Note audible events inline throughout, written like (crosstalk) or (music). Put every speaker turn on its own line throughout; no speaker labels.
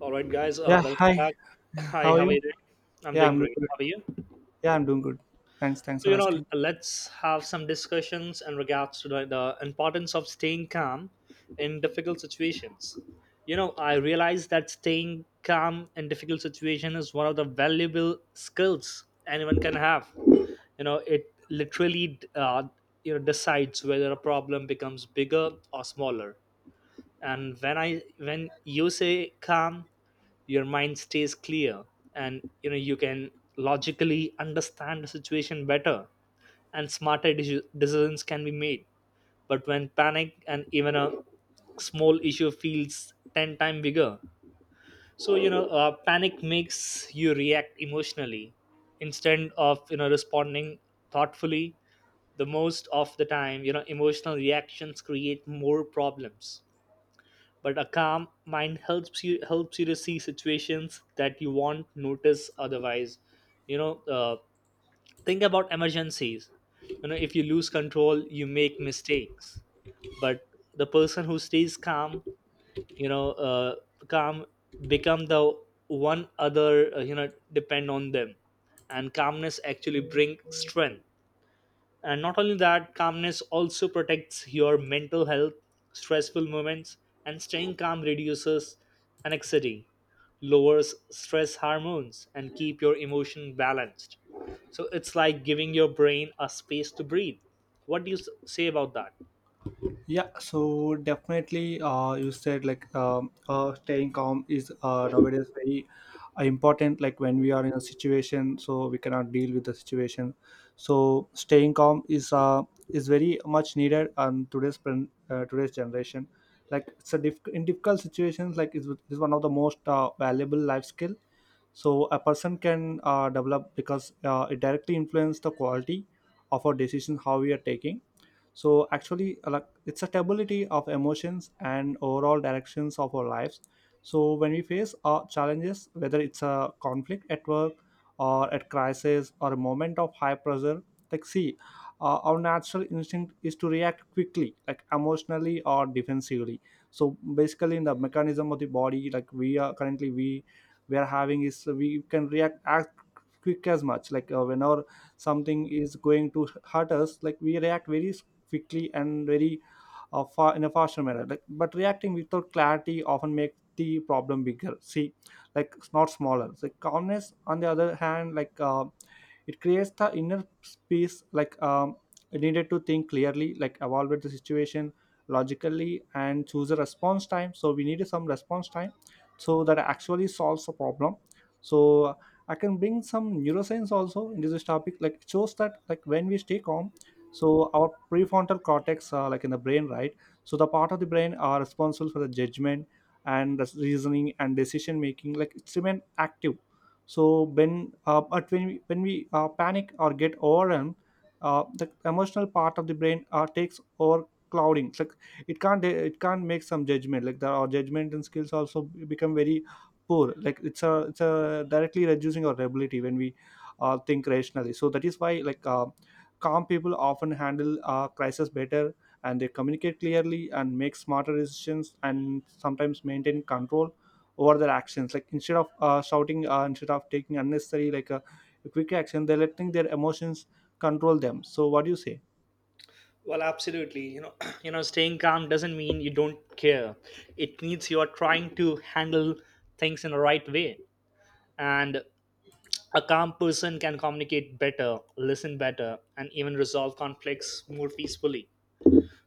All right, guys,
Yeah,
welcome
hi.
back. Hi,
How are
how are you
you?
doing? I'm
Yeah,
doing
I'm doing
great.
good.
How are you?
Yeah, I'm doing good. Thanks for asking.
Let's have some discussions in regards to the importance of staying calm in difficult situations. You know, I realize that staying calm in difficult situation is one of the valuable skills anyone can have. You know, it literally decides whether a problem becomes bigger or smaller. And when you say calm, your mind stays clear, and you know you can logically understand the situation better, and smarter decisions can be made. But when panic, and even a small issue feels 10 times bigger. So panic makes you react emotionally instead of, you know, responding thoughtfully. The most of the time, you know, emotional reactions create more problems. But a calm mind helps you to see situations that you won't notice otherwise, you know uh, think about emergencies. You know, if you lose control you make mistakes, but the person who stays calm, you know uh, calm, become the one other, depend on them. And calmness actually bring strength, and not only that, calmness also protects your mental health, stressful moments. And staying calm reduces anxiety, lowers stress hormones and keep your emotion balanced. So it's like giving your brain a space to breathe. What do you say about that?
Yeah, so definitely, you said like staying calm is nowadays very important. Like when we are in a situation, so we cannot deal with the situation. So staying calm is very much needed on today's generation. Like in difficult situations, like it's one of the most valuable life skill so a person can develop because it directly influences the quality of our decision how we are taking. So actually, like it's a stability of emotions and overall directions of our lives. So when we face challenges, whether it's a conflict at work or at crisis or a moment of high pressure, like see, our natural instinct is to react quickly, like emotionally or defensively. So basically in the mechanism of the body, like we are currently we are having is we can react as quick as much, like whenever something is going to hurt us, like we react very quickly and very far in a faster manner. Like but reacting without clarity often makes the problem bigger, see, like it's not smaller. Like calmness on the other hand, like it creates the inner space, like needed to think clearly, like evaluate the situation logically and choose a response time, so we need some response time so that actually solves the problem. So I can bring some neuroscience also in this topic. Like it shows that like when we stay calm, so our prefrontal cortex, like in the brain, right, so the part of the brain are responsible for the judgment and the reasoning and decision making, like it's remain active. So when when we panic or get overwhelmed, the emotional part of the brain takes over clouding. It's like it can't make some judgment, like the our judgment and skills also become very poor. Like it's a directly reducing our ability when we think rationally. So that is why, like, calm people often handle crisis better, and they communicate clearly and make smarter decisions and sometimes maintain control over their actions, like instead of shouting, instead of taking unnecessary like a quick action they're letting their emotions control them. So what do you say?
Well, absolutely, you know, (clears throat) you know staying calm doesn't mean you don't care. It means you are trying to handle things in the right way. And a calm person can communicate better, listen better, and even resolve conflicts more peacefully.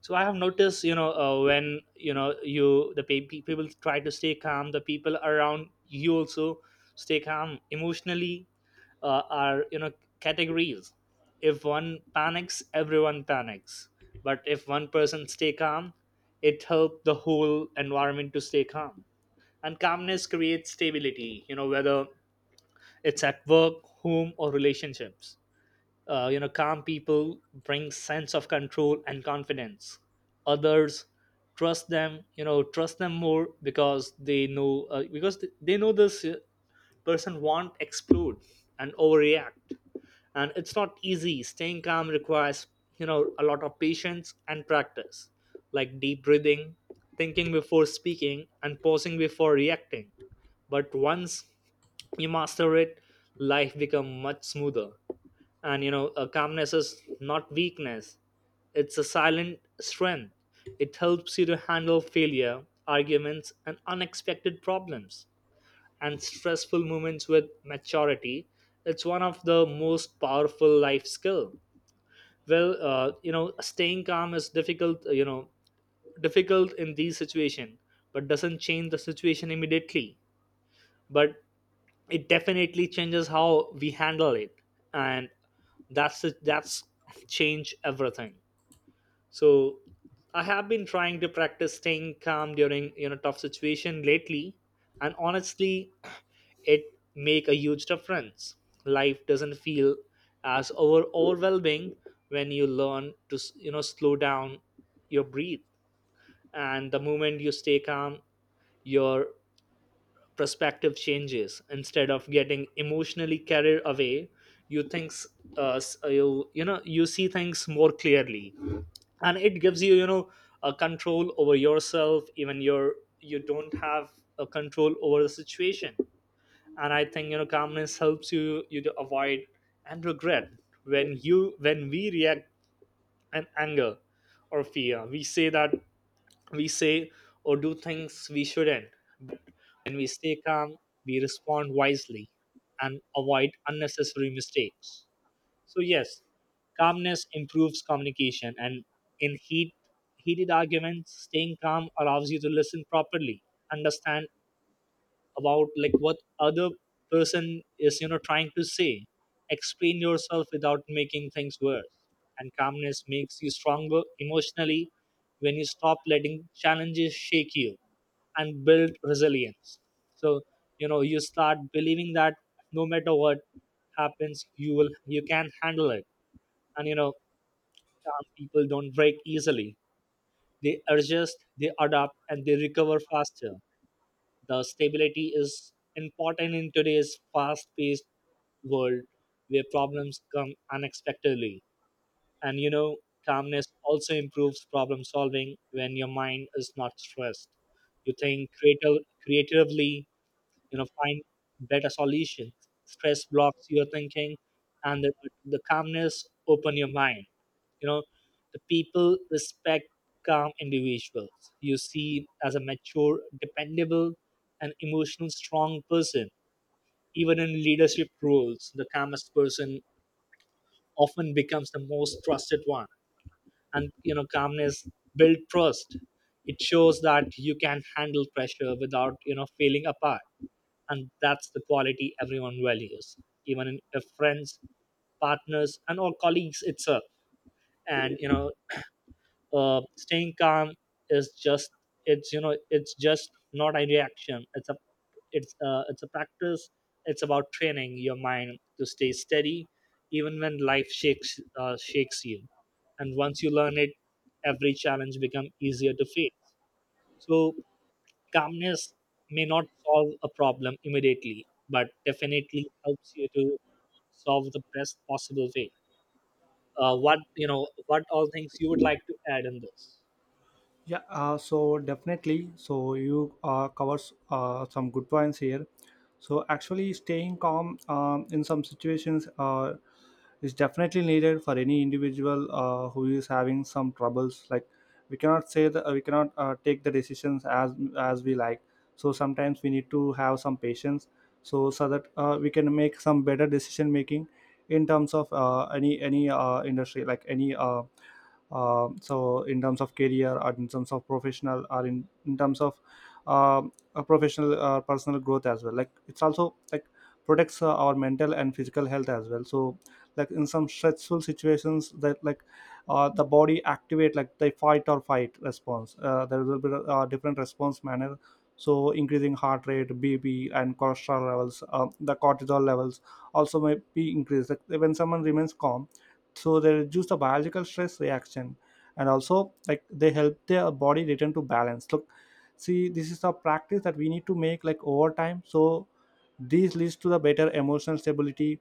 So I have noticed, you know, when, you know, you the pe- pe- people try to stay calm, the people around you also stay calm emotionally. Are you know categories? If one panics, everyone panics. But if one person stay calm, it helps the whole environment to stay calm. And calmness creates stability. You know, whether it's at work, home or relationships, you know calm people bring sense of control and confidence. Others trust them, you know, trust them more because they know, they know this person won't explode and overreact. And it's not easy. Staying calm requires, you know, a lot of patience and practice, like deep breathing, thinking before speaking and pausing before reacting. But once you master it, life become much smoother. And you know, a calmness is not weakness, it's a silent strength. It helps you to handle failure, arguments and unexpected problems and stressful moments with maturity. It's one of the most powerful life skill. Well, you know staying calm is difficult, you know, difficult in these situation, but doesn't change the situation immediately, but it definitely changes how we handle it. And that's it, that's change everything. So I have been trying to practice staying calm during, you know, tough situation lately. And honestly, it make a huge difference. Life doesn't feel as overwhelming. When you learn to you know slow down your breathe, and the moment you stay calm, your perspective changes. Instead of getting emotionally carried away, you thinks, you know you see things more clearly. And it gives you, you know, a control over yourself, even your you don't have a control over the situation. And I think, you know, calmness helps you to avoid and regret. When you when we react in anger or fear, we say that, we say or do things we shouldn't. When we stay calm, we respond wisely and avoid unnecessary mistakes. So, yes, calmness improves communication, and in heat, heated arguments, staying calm allows you to listen properly, understand about like what other person is, you know, trying to say, explain yourself without making things worse. And calmness makes you stronger emotionally. When you stop letting challenges shake you and build resilience, so you know, you start believing that no matter what happens, you will, you can handle it. And you know, calm people don't break easily. They adjust, they adapt and they recover faster. The stability is important in today's fast paced world where problems come unexpectedly. And you know, calmness also improves problem solving when your mind is not stressed. You think creatively, you know, find better solutions. Stress blocks your thinking, and the calmness open your mind. You know, the people respect calm individuals, you see as a mature, dependable and emotional strong person. Even in leadership roles the calmest person often becomes the most trusted one. And you know, calmness builds trust. It shows that you can handle pressure without, you know, failing apart. And that's the quality everyone values, even in if friends, partners and or colleagues itself. And you know, staying calm is just, it's, you know, it's just not a reaction, it's a, it's a practice. It's about training your mind to stay steady even when life shakes you. And once you learn it, every challenge become easier to face. So, calmness may not solve a problem immediately but definitely helps you to solve the best possible way. What, you know, what all things you would like to add in this?
Yeah, so definitely. So you covers some good points here. So actually, staying calm in some situations is definitely needed for any individual who is having some troubles. Like we cannot say that we cannot take the decisions as we like. So sometimes we need to have some patience, so so that we can make some better decision making in terms of any industry, like any. So in terms of career or in terms of professional or in terms of a professional personal growth as well. Like it's also like protects our mental and physical health as well. So like in some stressful situations that like the body activate like the fight or fight response, there will be different response manner, so increasing heart rate, bp and cholesterol levels, the cortisol levels also may be increased. Like when someone remains calm, so they reduce the biological stress reaction, and also like they help their body return to balance. Look, see, this is a practice that we need to make like over time. So this leads to the better emotional stability,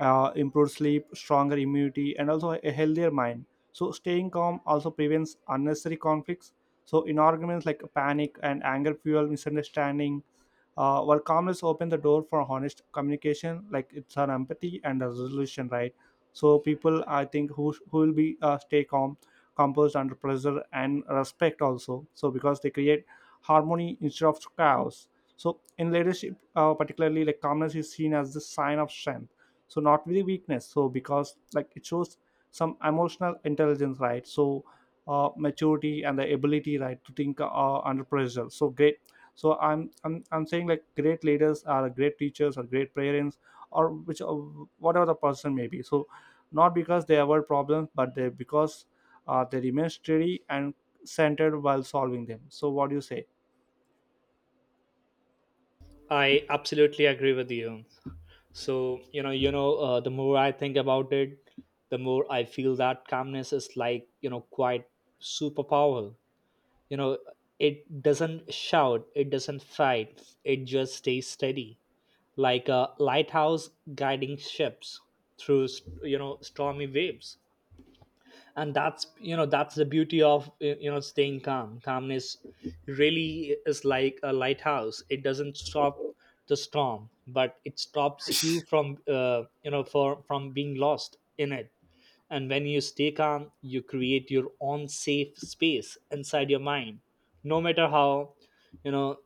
improved sleep, stronger immunity, and also a healthier mind. So, staying calm also prevents unnecessary conflicts. So, in arguments like panic and anger fuel misunderstanding, while calmness opens the door for honest communication, like it's an empathy and a resolution, right? So, people I think who will be stay calm, composed under pressure, and respect also. So, because they create harmony instead of chaos. So, in leadership, particularly, like calmness is seen as the sign of strength, so not really weakness. So because like it shows some emotional intelligence, right, so maturity and the ability, right, to think under pressure so great. So I'm saying like great leaders are great teachers or great parents or which whatever the person may be. So not because they avoid problems, but they because they remain steady and centered while solving them. So what do you say?
I absolutely agree with you. So the more I think about it, the more I feel that calmness is like, you know, quite superpower. You know, it doesn't shout, it doesn't fight, it just stays steady, like a lighthouse guiding ships through you know stormy waves. And that's, you know, that's the beauty of you know staying calm. Calmness really is like a lighthouse. It doesn't stop the storm, but it stops you from, you know for from being lost in it. And when you stay calm, you create your own safe space inside your mind, no matter how, you know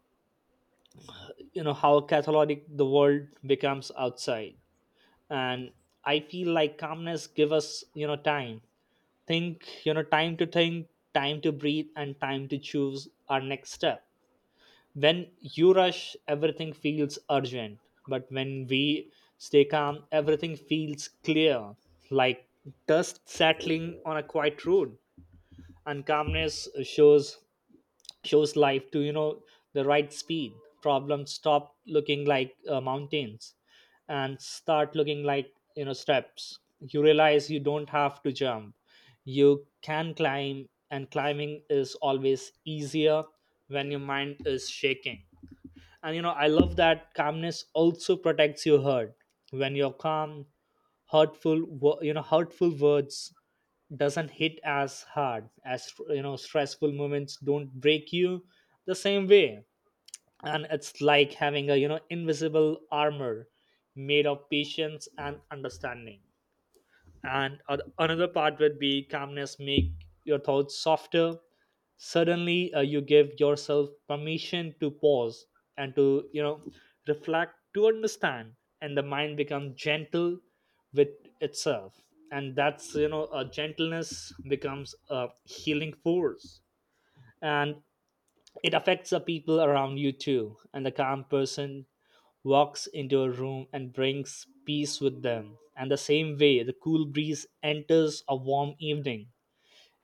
you know how catholic the world becomes outside. And I feel like calmness give us, you know, time think, you know, time to think, time to breathe and time to choose our next step. When you rush, everything feels urgent, but when we stay calm everything feels clear, like dust settling on a quiet road. And calmness shows life to, you know, the right speed. Problems stop looking like mountains and start looking like, you know, steps. You realize you don't have to jump, you can climb, and climbing is always easier when your mind is shaking. And you know, I love that calmness also protects your heart. When you're calm, hurtful you know hurtful words doesn't hit as hard as, you know, stressful moments don't break you the same way. And it's like having a, you know, invisible armor made of patience and understanding. And another part would be calmness make your thoughts softer. Suddenly, you give yourself permission to pause and to, you know, reflect to understand. And the mind becomes gentle with itself, and that's, you know, a gentleness becomes a healing force. And it affects the people around you too. And the calm person walks into a room and brings peace with them. And the same way, the cool breeze enters a warm evening.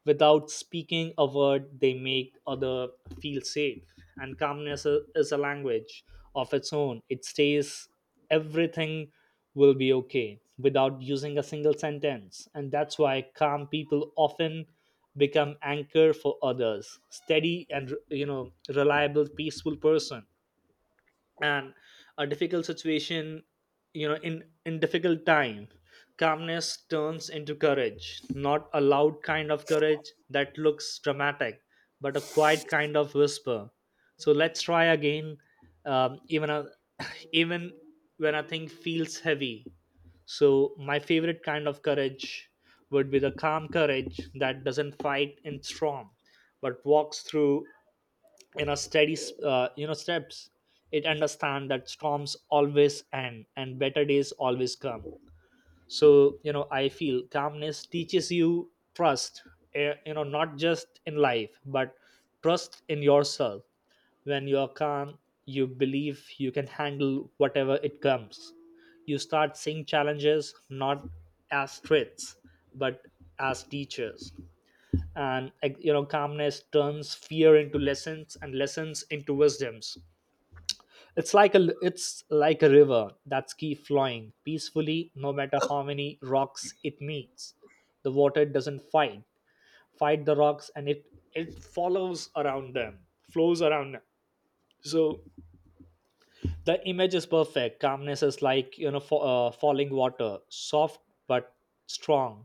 Without speaking a word, they make other feel safe. And calmness is a language of its own. It says everything will be okay without using a single sentence. And that's why calm people often become anchor for others, steady and, you know, reliable peaceful person. And a difficult situation, you know, in difficult time, calmness turns into courage, not a loud kind of courage that looks dramatic, but a quiet kind of whisper. So let's try again. Even a, (coughs) (laughs) even when a thing feels heavy, so my favorite kind of courage would be the calm courage that doesn't fight in storm but walks through, you know, steady, you know steps. It understand that storms always end and better days always come. So, you know, I feel calmness teaches you trust, you know, not just in life but trust in yourself. When you are calm, you believe you can handle whatever it comes. You start seeing challenges not as threats but as teachers. And like, you know, calmness turns fear into lessons and lessons into wisdoms. It's like a, it's like a river that's keep flowing peacefully no matter how many rocks it meets. The water doesn't fight the rocks, and it follows around them, flows around them. So the image is perfect. Calmness is like, you know, falling water, soft but strong,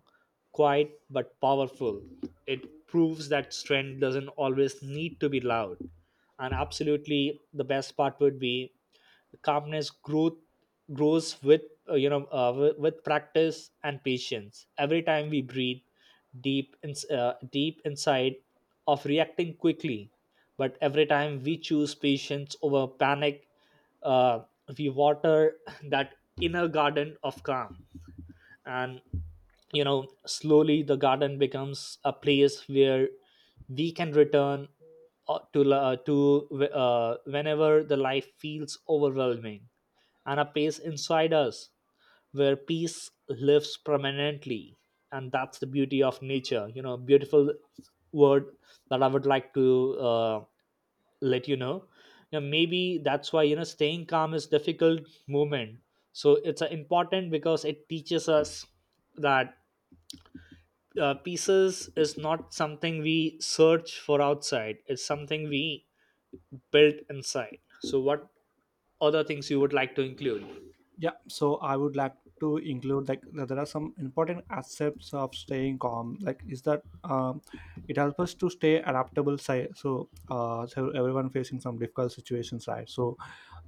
quiet but powerful. It proves that strength doesn't always need to be loud. And absolutely the best part would be calmness growth grows with, with practice and patience. Every time we breathe deep in, deep inside of reacting quickly, but every time we choose patience over Panic. uh, we water (laughs) that inner garden of calm, and slowly the garden becomes a place where we can return to whenever the life feels overwhelming, and a pace inside us where peace lives permanently. And that's the beauty of nature, beautiful word that I would like to let you know. Maybe that's why, staying calm is difficult moment. So it's important because it teaches us that pieces is not something we search for outside, it's something we built inside. So, what other things you would like to include?
Yeah, so I would like to include like that there are some important aspects of staying calm. Like is that it helps us to stay adaptable. So so everyone facing some difficult situations, right? So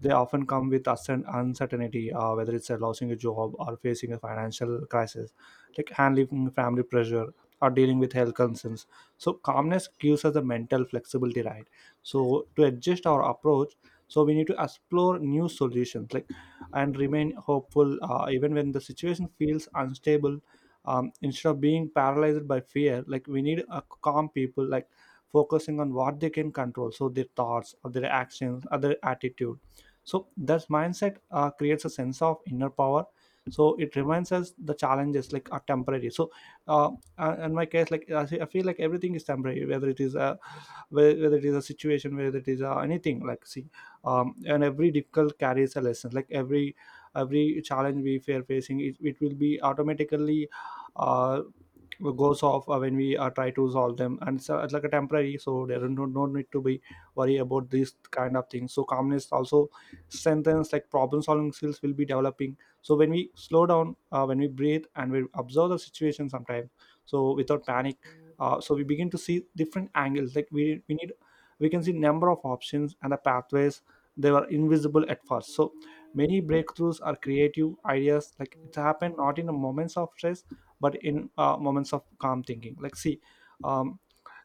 they often come with certain uncertainty, whether it's losing a job or facing a financial crisis, like handling family pressure or dealing with health concerns. So calmness gives us the mental flexibility, right? So to adjust our approach, so we need to explore new solutions like and remain hopeful even when the situation feels unstable. Instead of being paralyzed by fear, like we need calm people, like focusing on what they can control, so their thoughts, or their actions, or their attitude. So that mindset creates a sense of inner power. So it reminds us the challenges like are temporary. So uh, in my case, like I feel like everything is temporary, whether it is a whether it is a situation, whether it is anything, like see, and every difficult carries a lesson, like every challenge we are facing it will be automatically uh, goes off when we try to solve them, and so it's like a temporary, so there is no need to be worry about these kind of things. So calmness also strengthens like problem solving skills will be developing. So when we slow down, when we breathe and we observe the situation sometimes, so without panic, so we begin to see different angles, like we need we can see number of options and the pathways they were invisible at first. So many breakthroughs are creative ideas like it happened not in the moments of stress, but in moments of calm thinking, like see, um,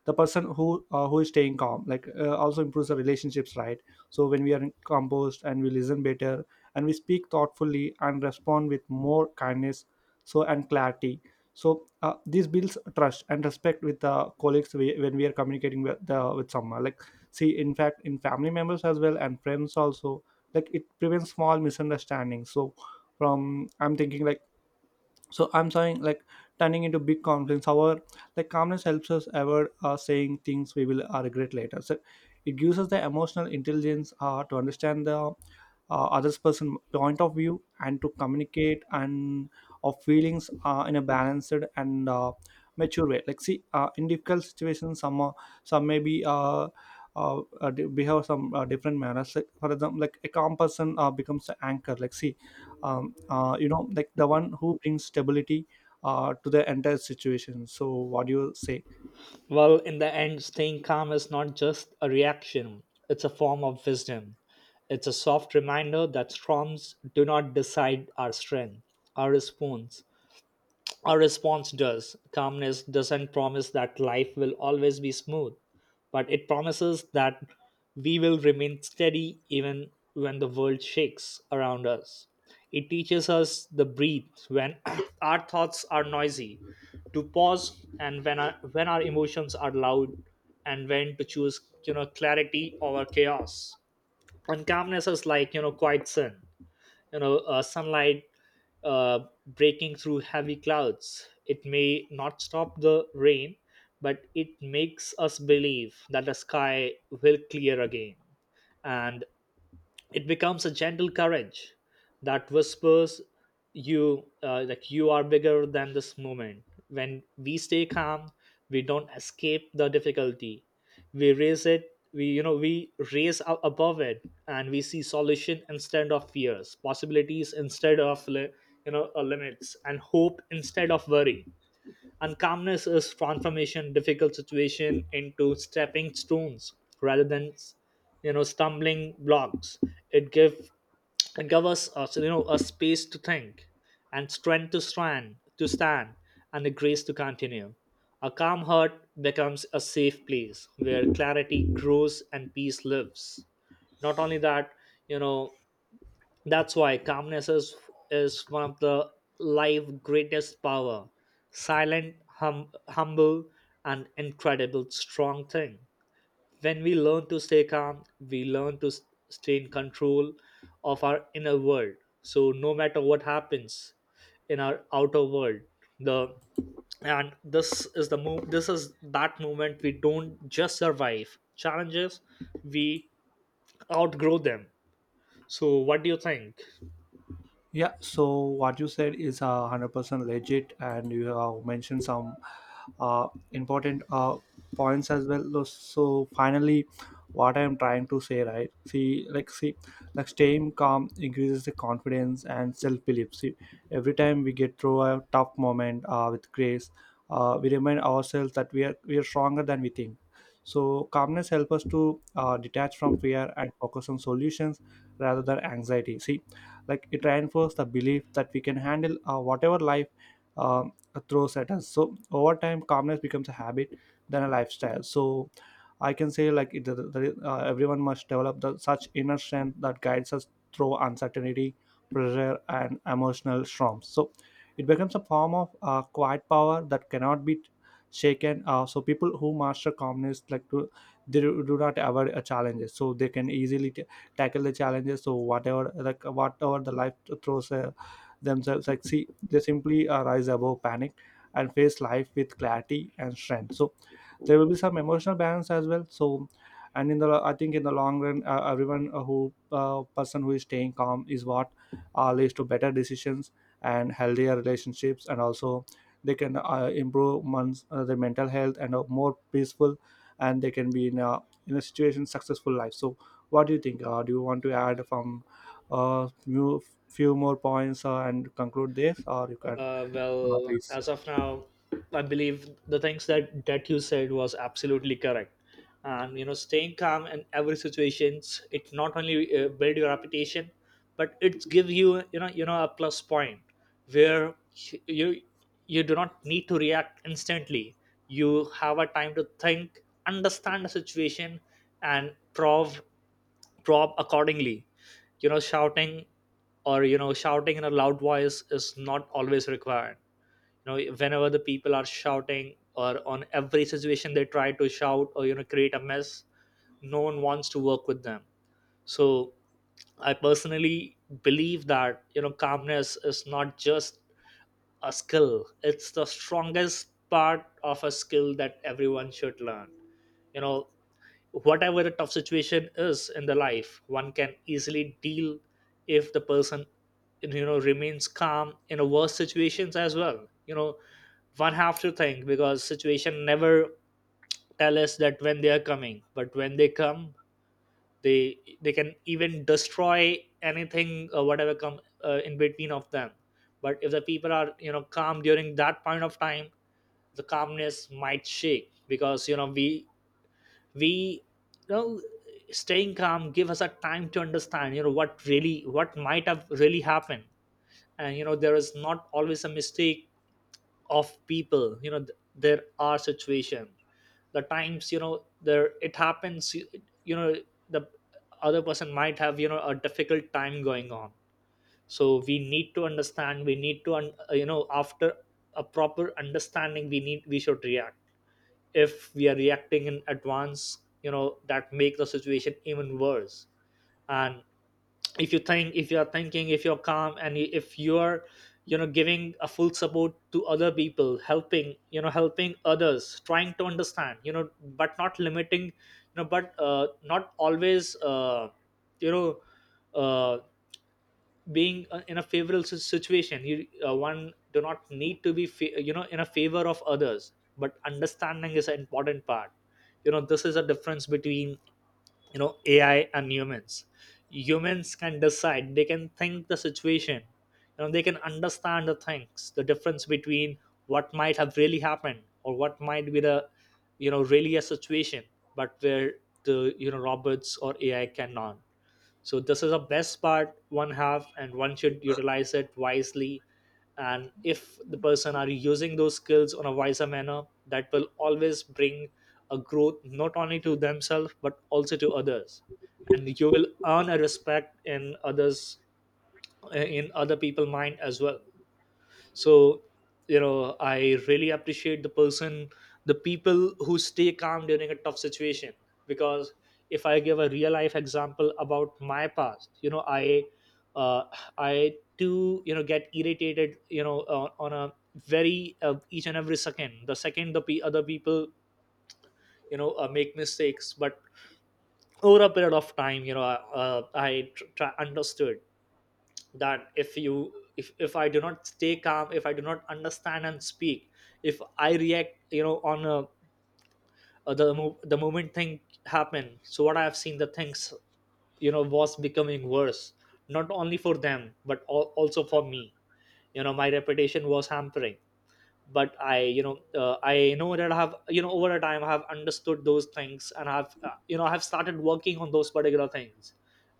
the person who is staying calm, like also improves the relationships, right? So when we are composed and we listen better, and we speak thoughtfully and respond with more kindness, so and clarity. So this builds trust and respect with the colleagues when we are communicating with the with someone, like see, in fact in family members as well and friends also, like it prevents small misunderstandings. So from I'm thinking like so I'm saying like turning into big conflicts, however, like calmness helps us avoid saying things we will regret later. So it gives us the emotional intelligence to understand the others person point of view and to communicate and of feelings in a balanced and mature way, like see, in difficult situations some may be behave some different manners, like for example like a calm person becomes the anchor, like see, you know like the one who brings stability to the entire situation. So what do you say?
Well, in the end, staying calm is not just a reaction, it's a form of wisdom. It's a soft reminder that storms do not decide our strength, our response, our response does. Calmness doesn't promise that life will always be smooth, but it promises that we will remain steady even when the world shakes around us. It teaches us the breathe when (clears throat) our thoughts are noisy, to pause and when our emotions are loud and when to choose, clarity over chaos. And calmness is like, quiet sin, sunlight uh, breaking through heavy clouds. It may not stop the rain, but it makes us believe that the sky will clear again. And it becomes a gentle courage that whispers, you like you are bigger than this moment. When we stay calm, we don't escape the difficulty, we raise it, we you know we raise up above it, and we see solution instead of fears, possibilities instead of limits, and hope instead of worry. And calmness is transformation, difficult situation into stepping stones rather than stumbling blocks. It give it give us a space to think and strength to stand and the grace to continue. A calm heart becomes a safe place where clarity grows and peace lives. Not only that, you know, that's why calmness is one of the life greatest power. Silent, humble and incredible strong thing. When we learn to stay calm, we learn to stay in control of our inner world, so no matter what happens in our outer world, the and this is that moment we don't just survive challenges, we outgrow them. So what do you think?
Yeah, so what you said is 100% legit, and you have mentioned some important points as well. So, finally, what I am trying to say, right? See, like staying calm increases the confidence and self belief. See, every time we get through a tough moment with grace, we remind ourselves that we are stronger than we think. So, calmness helps us to detach from fear and focus on solutions rather than anxiety. See, like it reinforces the belief that we can handle whatever life um throws at us. So over time calmness becomes a habit than a lifestyle. So I can say like everyone must develop the, such inner strength that guides us through uncertainty, pressure and emotional storms. So it becomes a form of quiet power that cannot be shaken. So people who master calmness like to they do do not avoid challenges, so they can easily tackle the challenges. So whatever the life throws themselves, like see they simply rise above panic and face life with clarity and strength. So there will be some emotional balance as well. So and in the I think in the long run, everyone who person who is staying calm is what leads to better decisions and healthier relationships, and also they can improve one's their mental health and are more peaceful, and they can be in a situation successful life. So what do you think? Do you want to add from uh, few, few more points and conclude this, or you can
Well,
please?
as of now, I believe the things that you said was absolutely correct. And you know, staying calm in every situations, it not only build your reputation, but it give you, you know, a plus point where you you do not need to react instantly. You have a time to think, understand the situation, and prove drop accordingly. Shouting, or shouting in a loud voice, is not always required. Whenever the people are shouting or on every situation they try to shout or create a mess, no one wants to work with them. So I personally believe that calmness is not just a skill, it's the strongest part of a skill that everyone should learn. you know Whatever the tough situation is in the life, one can easily deal if the person remains calm in a worse situations as well. One have to think because situation never tell us that when they are coming, but when they come they can even destroy anything or whatever come in between of them. But if the people are calm during that point of time, the calmness might shake because you know we you know staying calm give us a time to understand, what really what might have really happened. And there is not always a mistake of people. There are situation, the times, there it happens, you know the other person might have, a difficult time going on. So we need to understand, we need to after a proper understanding we need we should react. If we are reacting in advance, that make the situation even worse. And if you think, if you are thinking, if you're calm, and if you're giving a full support to other people, helping, helping others, trying to understand, but not limiting, but not always you know uh, being in a situation. You One do not need to be in a favor of others, but understanding is an important part. This is a difference between AI and humans. Humans can decide, they can think the situation, they can understand the things, the difference between what might have really happened or what might be the, really a situation. But where the, robots or AI cannot. So this is a best part one have, and one should utilize it wisely. And if the person are using those skills on a wiser manner, that will always bring a growth not only to themselves but also to others. And you will earn a respect in others, in other people mind as well. So I really appreciate the person, the people who stay calm during a tough situation. Because if I give a real life example about my past, uh, I too, you know get irritated on a very each and every second, the second the pe other people make mistakes. But over a period of time, I understood that if you, if I do not stay calm, if I do not understand and speak, if I react, on a, the moment thing happen, so what I have seen, the things, was becoming worse, not only for them but also for me. My reputation was hampering. But I, I know that I have, over a time I have understood those things, and I've, I've started working on those particular things.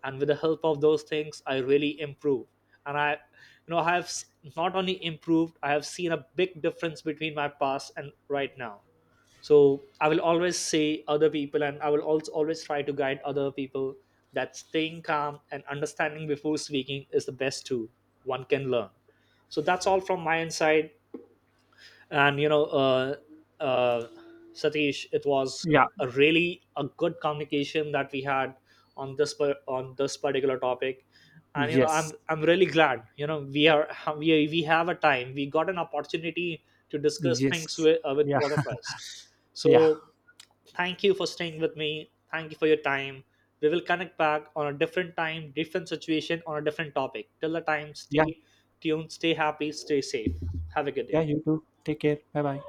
And with the help of those things I really improved. And I, I have not only improved, I have seen a big difference between my past and right now. So I will always say other people, and I will also always try to guide other people, that staying calm and understanding before speaking is the best tool one can learn. So that's all from my inside. And uh, Satish, it was
Yeah.
a really a good communication that we had on this on this particular topic. And you know i'm
Yes.
i'm really glad, we are, we have a time, we got an opportunity to discuss things
Yes.
with
Yeah.
both of us.
Yeah.
So thank you for staying with me, thank you for your time. We will connect back on a different time, different situation, on a different topic. Till the time,
Yeah.
stay tuned, stay happy, stay safe. Have a good
Yeah.
day.
You too. Take care. Bye bye.